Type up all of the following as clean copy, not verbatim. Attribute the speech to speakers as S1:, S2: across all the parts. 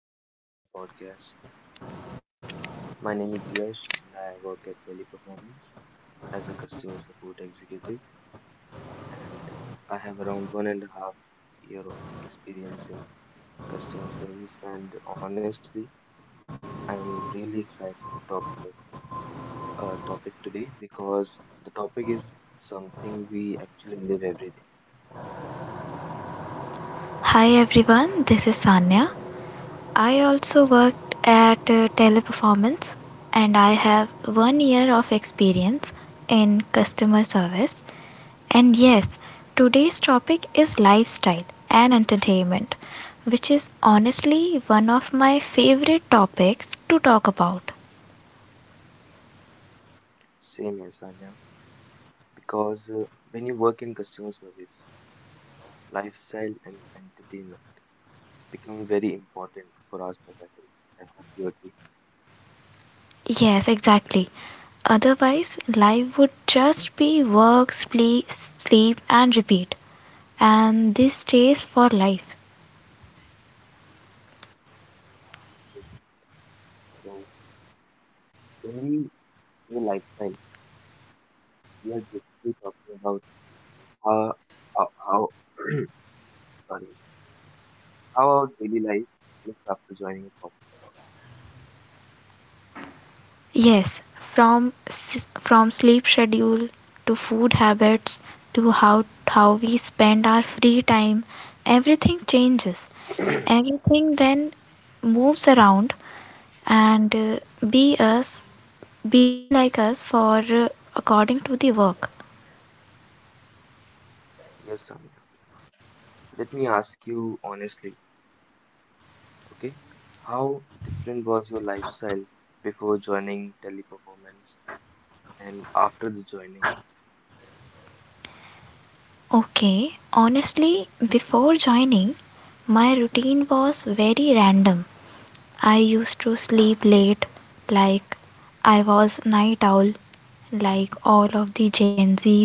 S1: welcome to our podcast. My name is Yash and I work at Teleperformance as a customer support executive and I have around 1.5 years of experience in customer service, and honestly I'm really excited to talk about a topic today because the topic is something we actually live every day.
S2: Hi everyone, this is Sanya. I also worked at Teleperformance and I have one year of experience in customer service. And yes, today's topic is lifestyle and entertainment, which is honestly one of my favorite topics to talk about.
S1: Same as Anya because when you work in customer service, lifestyle and entertainment become very important for our survival. I hope you agree.
S2: Yes, exactly. Otherwise, life would just be work, sleep, sleep, and repeat. And this stays for life.
S1: So when we say lifestyle, we are basically talking about how how sorry, how our daily life looks after joining a
S2: Yes, from sleep schedule to food habits to how we spend our free time, everything changes.
S1: corporate.
S2: Everything then moves around and be us be like us for according to the work.
S1: Yes, Sonia. Let me ask you honestly, okay? How different was your lifestyle before joining Teleperformance and after the joining?
S2: Okay, honestly, before joining, my routine was very random. I used to sleep late, like I was night owl, like all of the Gen Zs.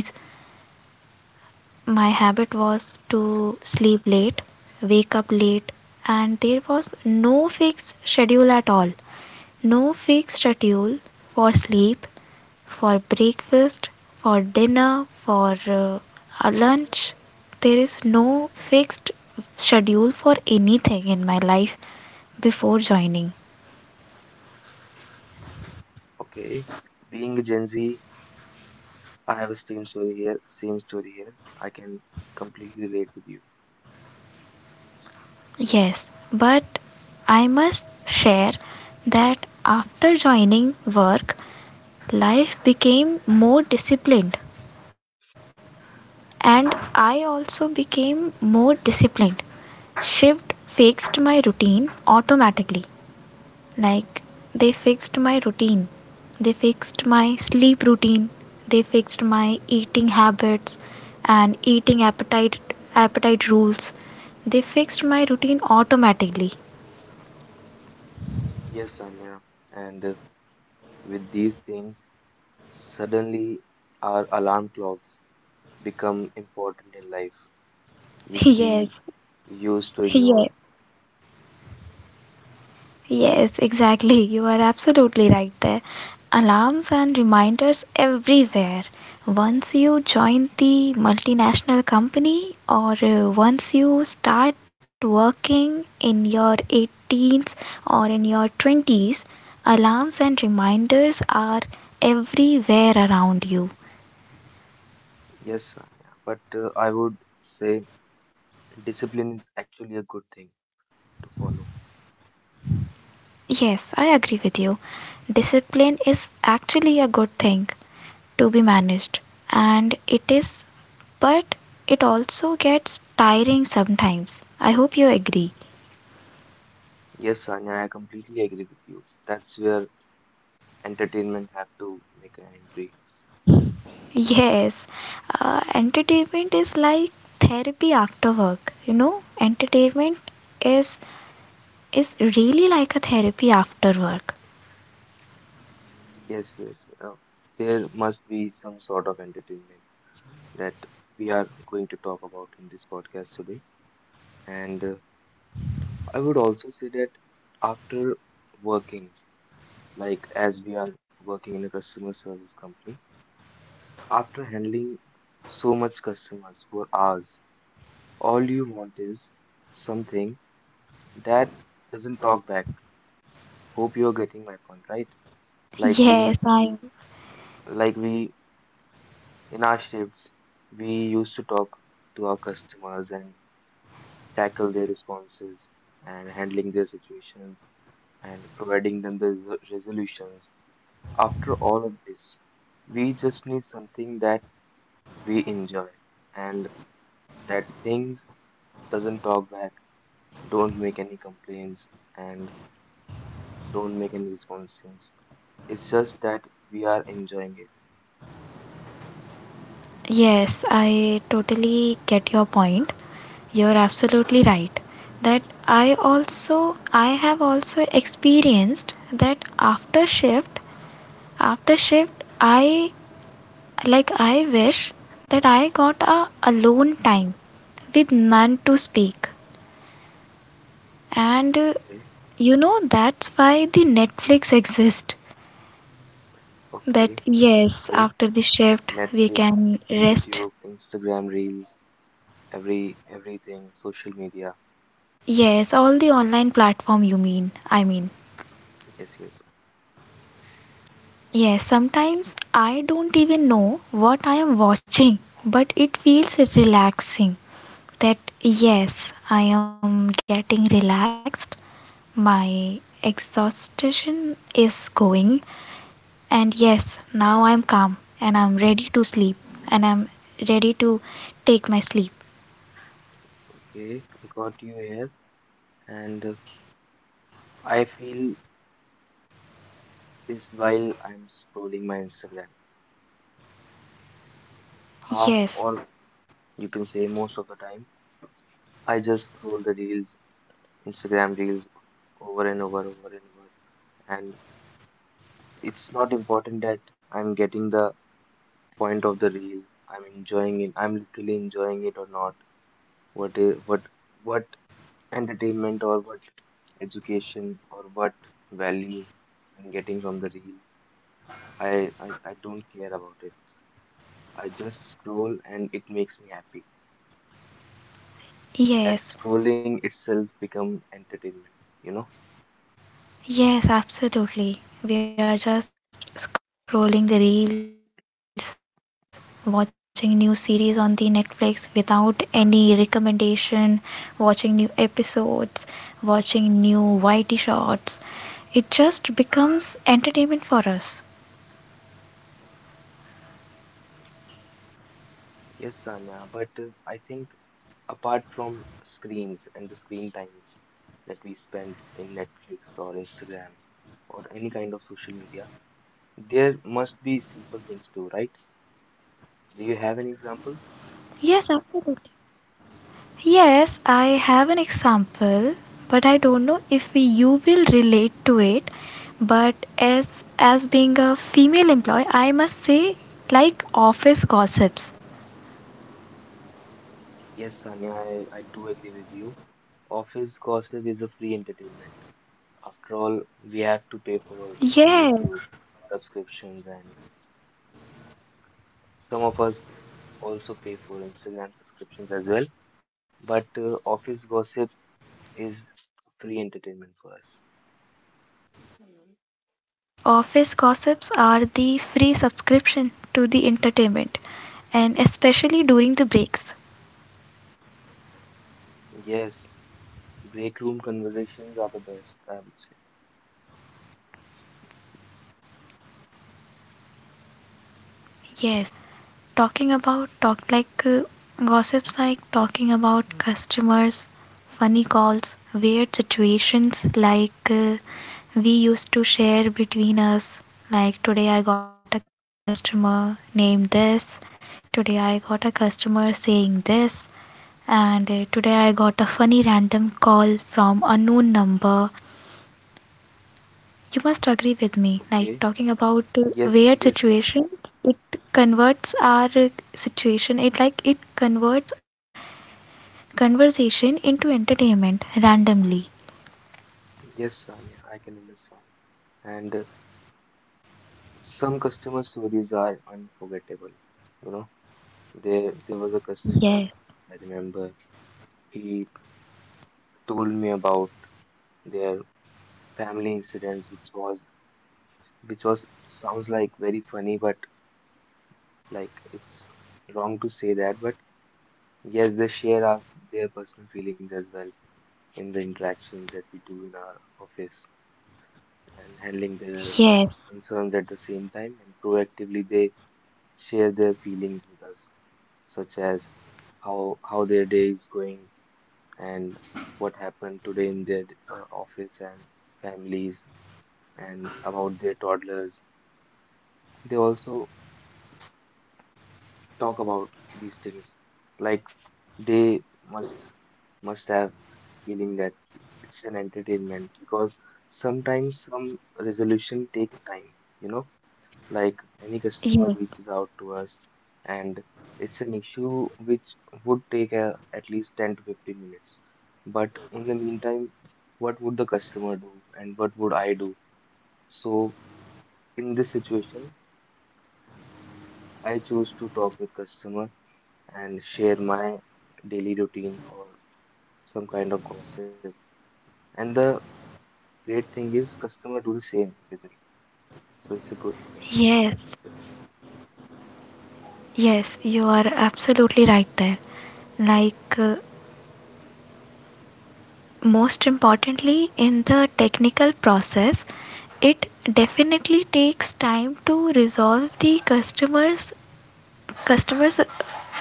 S2: My habit was to sleep late, wake up late, and there was no fixed schedule at all. No fixed schedule for sleep, for breakfast, for dinner, for a lunch. There is no fixed schedule for anything in my life before joining.
S1: Okay, being a Gen Z, I have a same story here, same story here. I can completely relate with you.
S2: Yes, but I must share that after joining work, life became more disciplined and I also became more disciplined. Shift fixed my routine automatically. Like they fixed my routine, they fixed my sleep routine, they fixed my eating habits and eating appetite rules. They fixed my routine automatically.
S1: Yes, Sanya. And with these things, suddenly our alarm clocks become important in life, which we
S2: Yes.
S1: used to
S2: Yeah,
S1: ignore.
S2: yes, exactly. You are absolutely right there. Alarms and reminders everywhere. Once you join the multinational company or once you start working in your 18s or in your 20s, alarms and reminders are everywhere around you.
S1: Yes, Sanya. But I would say discipline is actually a good thing to follow.
S2: Yes, I agree with you. Discipline is actually a good thing to be managed and it is, but it also gets tiring sometimes. I hope you agree.
S1: Yes, Sanya, I completely agree with you. That's where entertainment have to make an entry.
S2: Yes. Entertainment is like therapy after work, entertainment is is really like a therapy after work.
S1: Yes, yes. There must be some sort of entertainment that we are going to talk about in this podcast today. And I would also say that after working, like as we are working in a customer service company, after handling so much customers for hours, all you want is something that doesn't talk back. Hope you're getting my point, right? Like
S2: yes
S1: we,
S2: i
S1: like we in our shifts, we used to talk to our customers and tackle their responses and handling their situations and providing them the resolutions. After all of this, we just need something that we enjoy and that things doesn't talk back, don't make any complaints, and don't make any responses. It's just that we are enjoying it.
S2: yes i totally get your point. You're absolutely right that i also I have also experienced that after shift after shift I like I wish that I got a alone time with none to speak. And
S1: Okay,
S2: you know that's why the Netflix exists. That,
S1: okay, that's
S2: yes,
S1: true.
S2: after the shift we
S1: Netflix,
S2: can rest.
S1: YouTube, Instagram Reels, everything, social media.
S2: Yes, all the online platform you mean. I mean.
S1: Yes, yes.
S2: Yes, sometimes I don't even know what I am watching, but it feels relaxing that yes, I am getting relaxed. My exhaustion is going. And yes, now I'm calm and I'm ready to sleep and I'm ready to take my sleep.
S1: Okay, I got you here, and I feel this while I'm scrolling my Instagram. Half
S2: Yes,
S1: or you can say most of the time, I just scroll the reels, Instagram reels over and over, over and over. And it's not important that I'm getting the point of the reel. I'm enjoying it, I'm literally enjoying it or not. What is what entertainment or what education or what value I'm getting from the reel. I don't care about it. I just scroll and it makes me happy.
S2: yes,
S1: That scrolling itself become entertainment, you know?
S2: yes, absolutely. We are just scrolling the reels, watching new series on the Netflix without any recommendation, watching new episodes, watching new YT shots. It just becomes entertainment for us.
S1: Yes, Sanya, but I think apart from screens and the screen time that we spend in Netflix or Instagram or any kind of social media, there must be simple things too, right? Do you have any examples?
S2: Yes, absolutely. Yes, I have an example, but I don't know if you will relate to it. But as being a female employee, I must say like office gossips.
S1: Yes, Sanya, I do agree with you. Office gossip is a free entertainment. After all, we have to pay for
S2: Yes.
S1: YouTube subscriptions, and some of us also pay for Instagram subscriptions as well. But office gossip is free entertainment for us.
S2: Yes, office gossips are the free subscription to the entertainment, and especially during the breaks.
S1: Yes, break room conversations are the best, I would say.
S2: Yes. talking about talk like gossips, like talking about customers, funny calls, weird situations like we used to share between us. Like today I got a customer named this, today I got a customer saying this, and today I got a funny random call from unknown number. You must agree with me, like
S1: Okay.
S2: talking about
S1: Yes,
S2: weird
S1: yes,
S2: situations, it converts our situation, it converts our conversation into entertainment randomly.
S1: yes, Sanya, I can understand. And some customer stories are unforgettable. You know, there was a customer
S2: Yes,
S1: I remember. He told me about their family incidents, which was sounds like very funny, but like it's wrong to say that, but yes, they share their personal feelings as well in the interactions that we do in our office and handling their
S2: yes,
S1: concerns at the same time. And proactively, they share their feelings with us, such as how their day is going and what happened today in their office and families and about their toddlers. They also talk about these things, like they must must have feeling that it's an entertainment because sometimes some resolution take time, you know, like any customer
S2: yes,
S1: reaches out to us and it's an issue which would take at least 10 to 15 minutes. But in the meantime, what would the customer do and what would I do? So in this situation, I choose to talk with customer and share my daily routine or some kind of gossip. And the great thing is customer do the same with me. So it's a good thing,
S2: yes,
S1: I would say.
S2: yes, you are absolutely right there. Like, most importantly, in the technical process, it definitely takes time to resolve the customer's customers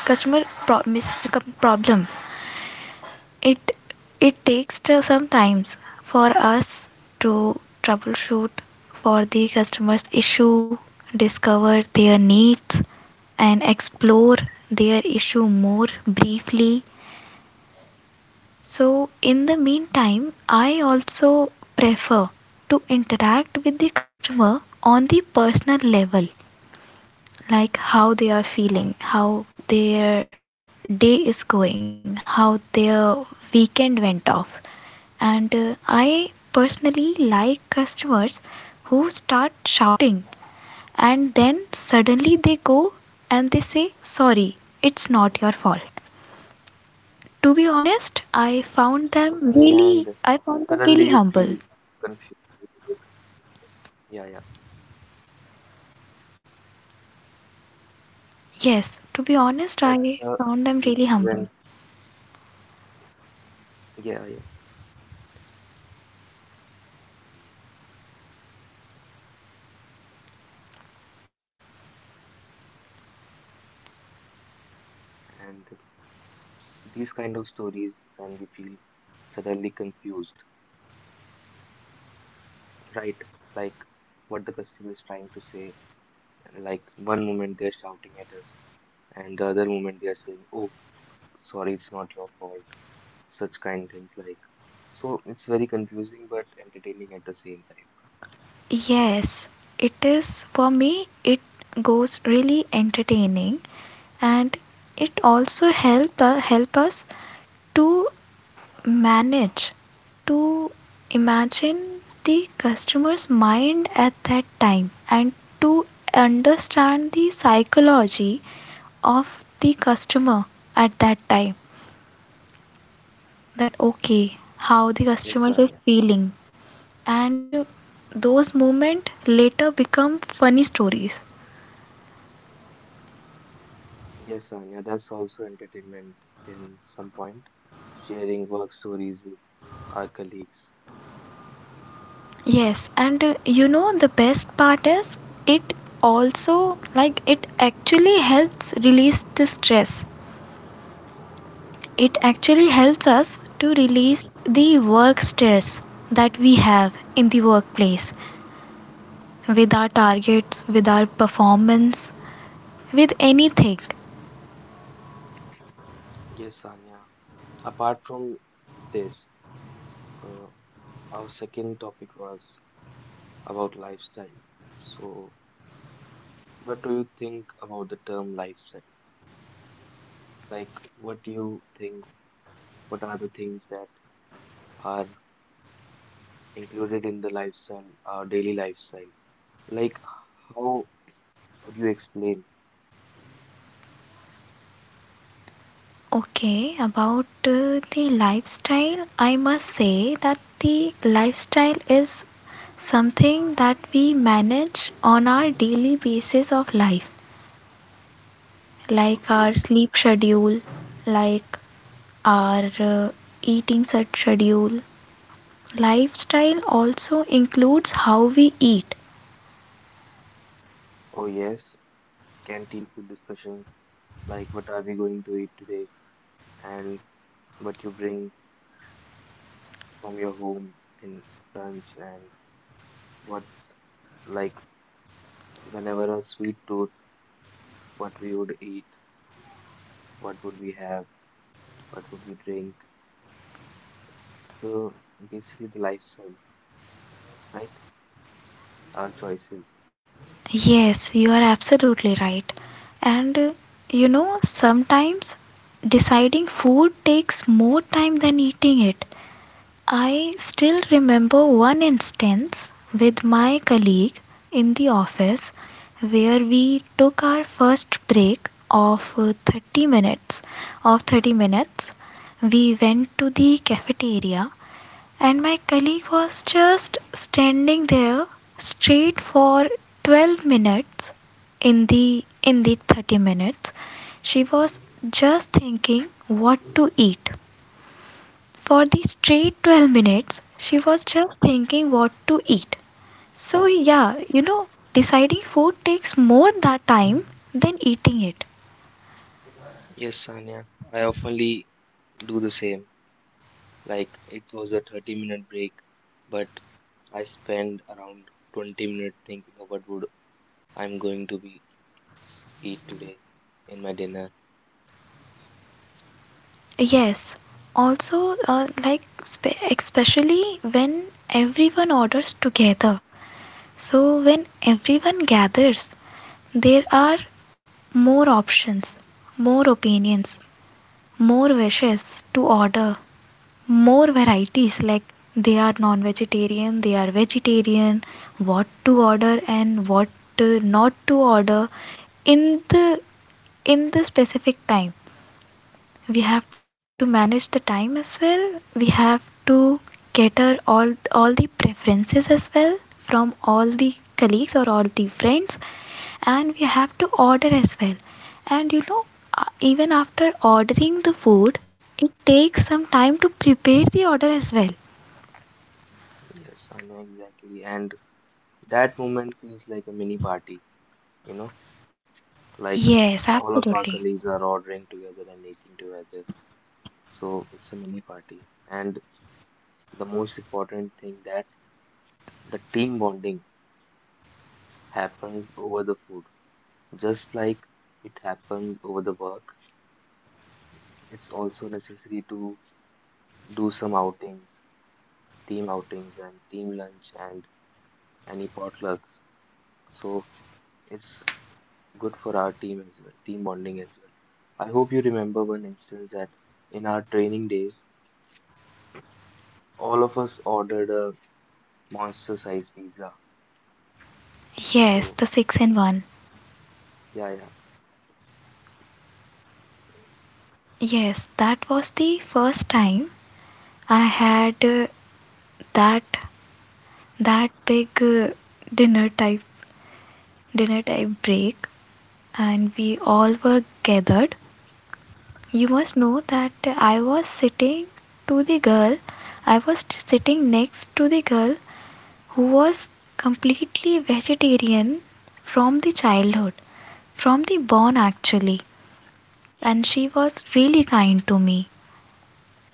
S2: customer promise problem. It it takes some times for us to troubleshoot for the customer's issue, discover their needs, and explore their issue more briefly. So, in the meantime, I also prefer to interact with the customer on the personal level, like how they are feeling, how their day is going, how their weekend went off. And I personally like customers who start shouting and then suddenly they go and they say, "Sorry, it's not your fault." To be honest, I found them
S1: Okay, and
S2: really, I found them
S1: suddenly you
S2: really
S1: feel
S2: humble.
S1: confused. Yeah, yeah.
S2: Yes, to be honest,
S1: That's
S2: I
S1: the
S2: found them
S1: situation
S2: really
S1: when,
S2: humble.
S1: yeah, yeah. And these kind of stories when we feel suddenly confused, right? Like what the customer is trying to say. Like one moment they're shouting at us, and the other moment they are saying, "Oh, sorry, it's not your fault." Such kind things like. So it's very confusing but entertaining at the same time.
S2: Yes, it is. For me, it goes really entertaining, and it also help us to manage to imagine the customer's mind at that time and to understand the psychology of the customer at that time, that okay, how the customer
S1: Yes,
S2: is
S1: Sanya.
S2: feeling. And those moments later become funny stories.
S1: Yes, Anya, that's also entertainment in some point, sharing work stories with our colleagues.
S2: Yes, and you know the best part is it also like it actually helps release the stress. It actually helps us to release the work stress that we have in the workplace, with our targets, with our performance, with anything.
S1: Yes, Anya. Apart from this, uh, our second topic was about lifestyle. So, what do you think about the term lifestyle? Like, what do you think? What are the things that are included in the lifestyle, our daily lifestyle? Like, how would you explain?
S2: Okay, about the lifestyle, I must say that the lifestyle is something that we manage on our daily basis of life, like our
S1: Okay.
S2: sleep schedule, like our eating schedule. Lifestyle also includes how we eat.
S1: Oh, yes. Canteen food discussions, like what are we going to eat today and what you bring from your home in lunch and what's like, whenever a sweet tooth, what we would eat, what would we have, what would we drink. So basically the lifestyle, right? Our choices.
S2: Yes, you are absolutely right. And you know, sometimes deciding food takes more time than eating it. I still remember one instance with my colleague in the office where we took our first break of 30 minutes of 30 minutes we went to the cafeteria, and my colleague was just standing there straight for 12 minutes. In the 30 minutes, she was just thinking what to eat for the straight 12 minutes. She was just thinking what to eat. So, yeah, deciding food takes more that time than eating it.
S1: Yes, Sanya, I oftenly do the same. Like it was a 30-minute break, but I spend around 20 minutes thinking of what would I'm going to be eat today in my dinner.
S2: Yes, also, like, especially when everyone orders together. So, when everyone gathers, there are more options, more opinions, more wishes to order, more varieties. Like, they are non vegetarian, they are vegetarian, what to order and what to not to order. In the specific time we have to manage the time as well. We have to cater all the preferences as well from all the colleagues or all the friends, and we have to order as well. And even after ordering the food, it takes some time to prepare the order as well.
S1: Yes, I know exactly. And that moment feels like a mini party, you know, like
S2: Yes,
S1: all of
S2: absolutely.
S1: our colleagues are ordering together and eating together. So it's a mini party. And the most important thing that the team bonding happens over the food. Just like it happens over the work, it's also necessary to do some outings, team outings and team lunch and any potlucks. So it's good for our team as well, team bonding as well. I hope you remember one instance that in our training days, all of us ordered a monster sized pizza.
S2: Yes, the
S1: So,
S2: 6 in 1.
S1: yeah, yeah.
S2: Yes, that was the first time I had that that big dinner type dinner type break, and we all were gathered. You must know that I was sitting to the girl. I was sitting next to the girl who was completely vegetarian from the childhood, from the born actually, and she was really kind to me.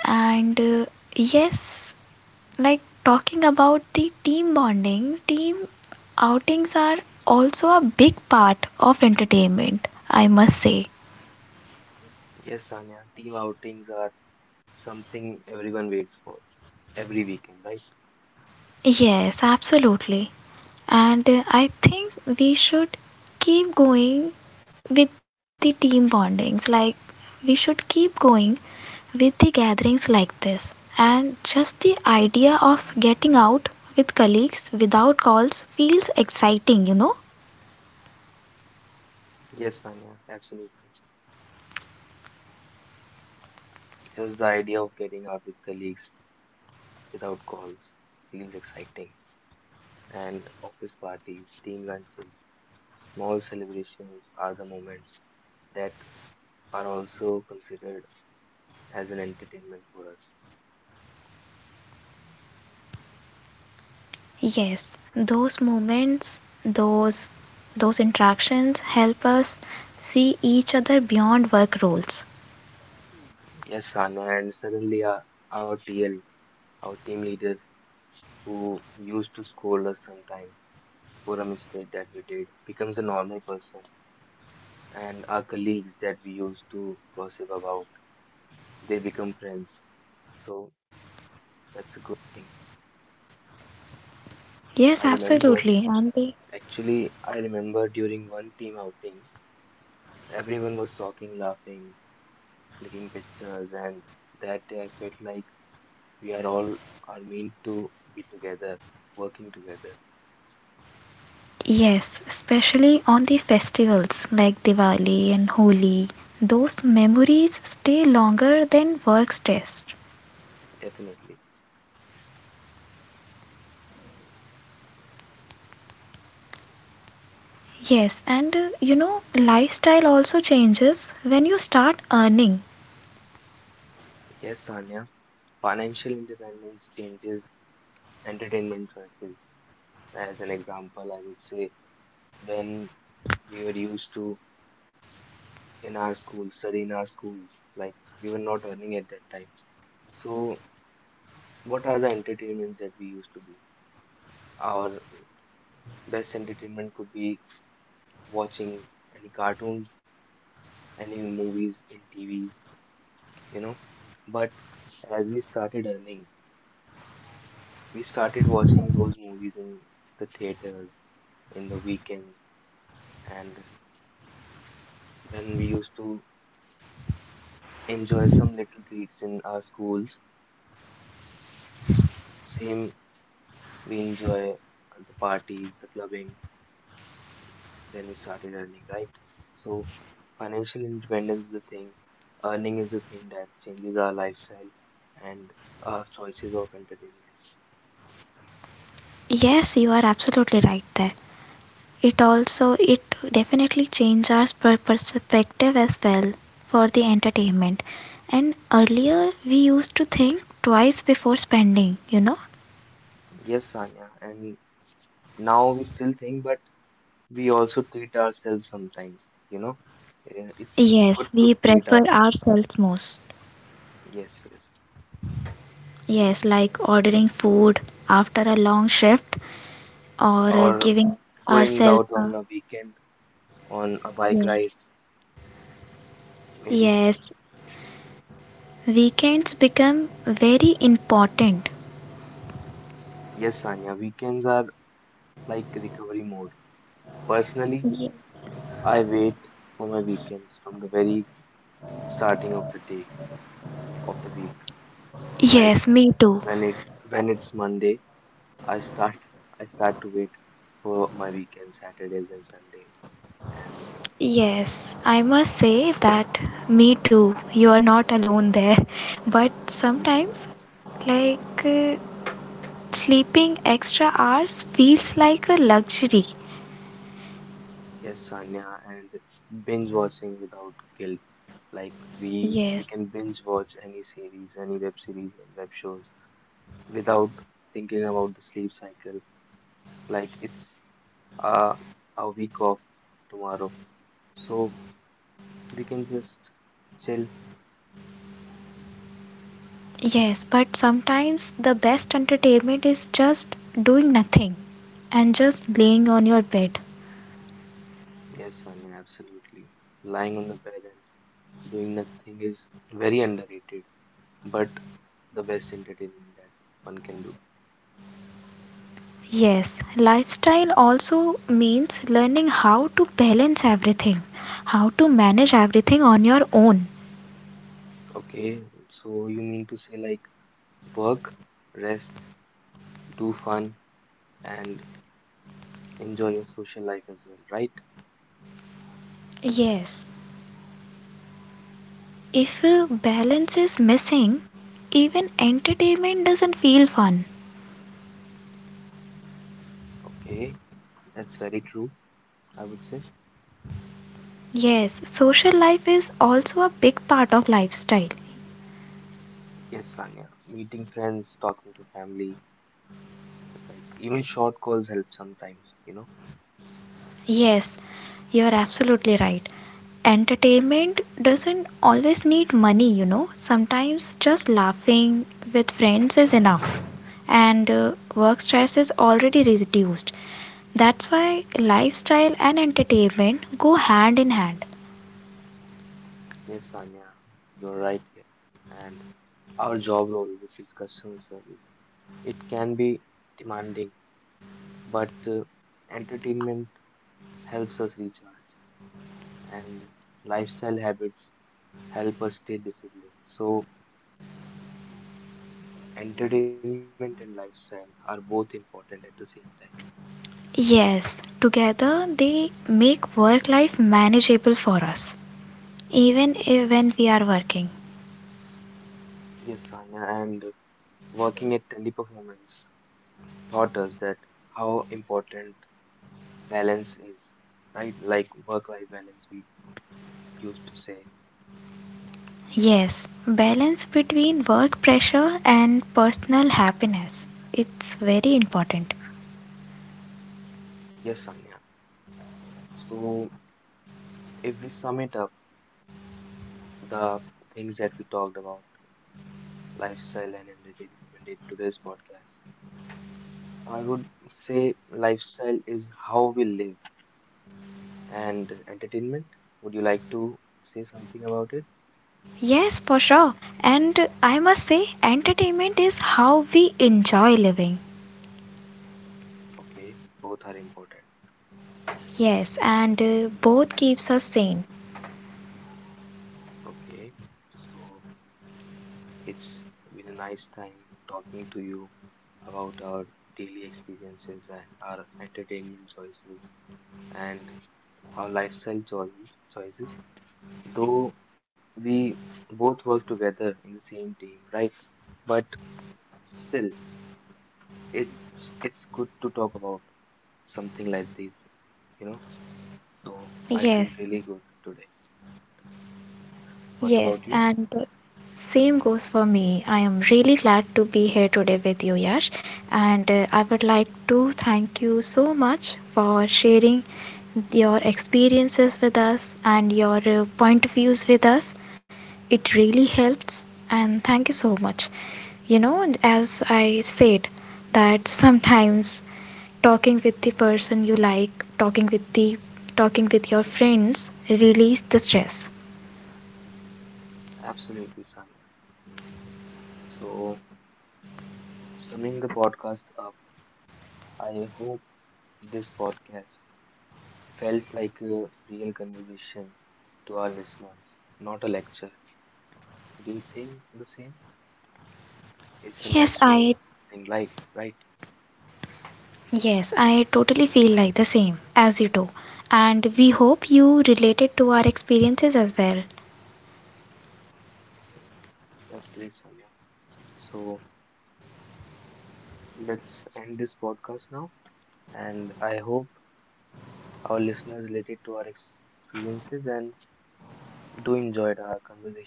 S2: And yes, like talking about the team bonding, team outings are also a big part of entertainment, I must say.
S1: Yes, Sanya, team outings are something everyone waits for every weekend, right?
S2: Yes, absolutely. And I think we should keep going with the team bondings. Like, we should keep going with the gatherings like this. And just the idea of getting out with colleagues without calls feels exciting, you know?
S1: Yes, Sanya, absolutely. Just the idea of getting out with colleagues without calls feels exciting. And office parties, team lunches, small celebrations are the moments that are also considered as an entertainment for us.
S2: Yes, those moments, those interactions help us see each other beyond work roles.
S1: Yes, Sana, and suddenly our TL, our team leader who used to scold us sometime for a mistake that we did becomes a normal person, and our colleagues that we used to gossip about, they become friends. So that's a good thing.
S2: Yes,
S1: I
S2: absolutely.
S1: remember,
S2: And they.
S1: actually I remember during one team outing, everyone was talking, laughing, clicking pictures, and that day I felt like we are all are meant to be together, working together,
S2: Yes, especially on the festivals like Diwali and Holi. Those memories stay longer than work's test.
S1: definitely.
S2: Yes, and lifestyle also changes when you start earning.
S1: Yes, Sanya, financial independence changes entertainment choices. As an example, I would say when we were used to in our schools, study in our schools, like we were not earning at that time. So, what are the entertainments that we used to do? Our best entertainment could be watching any cartoons, any movies in TVs, you know. But as we started earning, we started watching those movies in the theaters, in the weekends, and then we used to enjoy some little treats in our schools. Same, we enjoy the parties, the clubbing, then we started earning, right? So, financial independence is the thing, earning is the thing that changes our lifestyle and our choices of entertainments.
S2: Yes, you are absolutely right there. It definitely change our perspective as well for the entertainment. And earlier we used to think twice before spending.
S1: Yes, Sanya, and now we still think, but we also treat ourselves sometimes, you know. It's good
S2: Yes,
S1: to
S2: we
S1: treat
S2: prefer
S1: ourselves.
S2: ourselves most.
S1: Yes, yes.
S2: Yes, like ordering food after a long shift, or
S1: Or
S2: giving
S1: going
S2: ourselves
S1: out
S2: a,
S1: on a weekend on a bike
S2: yeah.
S1: ride, maybe.
S2: Yes, weekends become very important.
S1: Yes, Sanya, weekends are like recovery mode. Personally,
S2: Ye-
S1: I wait for my weekends from the very starting of the day of the week. Like
S2: yes, me too.
S1: when it when it's Monday, I start I start to wait for my weekends, Saturdays and Sundays. And
S2: Yes, I must say that me too. You are not alone there. But
S1: yeah,
S2: sometimes, like sleeping extra hours feels like a luxury.
S1: yes, Sanya, and binge watching without guilt. Like we
S2: Yes,
S1: can binge watch any series, any web series and web shows without thinking about the sleep cycle. Like it's uh, a week off tomorrow. So we can just chill.
S2: yes, but sometimes the best entertainment is just doing nothing and just laying on your bed.
S1: Yes, Sanya, absolutely. Lying on the bed and doing nothing is very underrated, but the best entertainment that one can do.
S2: Yes, lifestyle also means learning how to balance everything, how to manage everything on your own.
S1: Okay, so you mean to say like work, rest, do fun and enjoy your social life as well, right?
S2: Yes, if balance is missing, even entertainment doesn't feel fun.
S1: Okay, that's very true, I would say.
S2: Yes, social life is also a big part of lifestyle.
S1: Yes, Sanya, meeting friends, talking to family, like even short calls help sometimes, you know?
S2: Yes, you're absolutely right. Entertainment doesn't always need money. Sometimes just laughing with friends is enough. And work stress is already reduced. That's why lifestyle and entertainment go hand in hand.
S1: Yes, Sanya, you're right here. And our job role, which is customer service, it can be demanding, but entertainment helps us recharge, and lifestyle habits help us stay disciplined. So, entertainment and lifestyle are both important at the same time.
S2: Yes, together they make work life manageable for us, even if
S1: Yes,
S2: when
S1: sir.
S2: we are working.
S1: Yes, Sanya, and working at Teleperformance taught us that how important balance is, right? Like work-life balance, we used to say.
S2: Yes, balance between work pressure and personal happiness. It's very important.
S1: Yes, Sanya. So if we sum it up, the things that we talked about, lifestyle and entertainment in today's podcast, I would say lifestyle is how we live and entertainment. Would you like to say something about it?
S2: Yes, for sure. And I must say, entertainment is how we enjoy living.
S1: Okay, both are important.
S2: Yes, and both keeps us sane.
S1: Okay, so it's been a nice time talking to you about our daily experiences and our entertainment choices and our lifestyle choices. Choices, though we both work together in the same team, right? But still, it's good to talk about something like this, you know. So I
S2: Yes,
S1: feel really good today. What
S2: yes,
S1: about you?
S2: and same goes for me. I am really glad to be here today with you, Yash. And I would like to thank you so much for sharing your experiences with us and your point of views with us. It really helps. And thank you so much. You know, and as I said, that sometimes talking with the person you like, talking with your friends, release the stress.
S1: Absolutely, Sanya. So summing the podcast up, I hope this podcast felt like a real conversation to our listeners, not a lecture. Do you think the same? It's a
S2: Yes,
S1: natural
S2: I.
S1: thing, like, right?
S2: Yes, I totally feel like the same as you do. And we hope you related to our experiences as well.
S1: Mm, that's great, Sonia. So let's end this podcast now, and I hope our listeners related to our experiences and do enjoyed our conversation.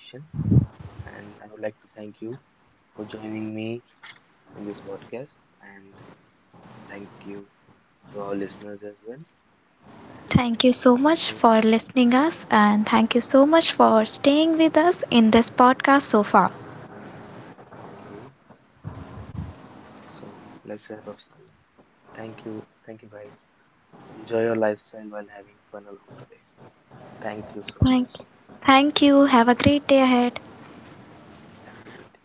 S1: And I would like to thank you for joining me in this podcast, and thank you to our listeners as well. And
S2: Thank you so much
S1: so,
S2: for listening us and thank you so much for staying with us in this podcast so far.
S1: okay, so let's wrap up, Sonia. Thank you. Thank you, guys. Enjoy your lifestyle while having fun along the way. Thank you so
S2: Thank
S1: much.
S2: Thank you. Have a great day ahead.
S1: Have a great day.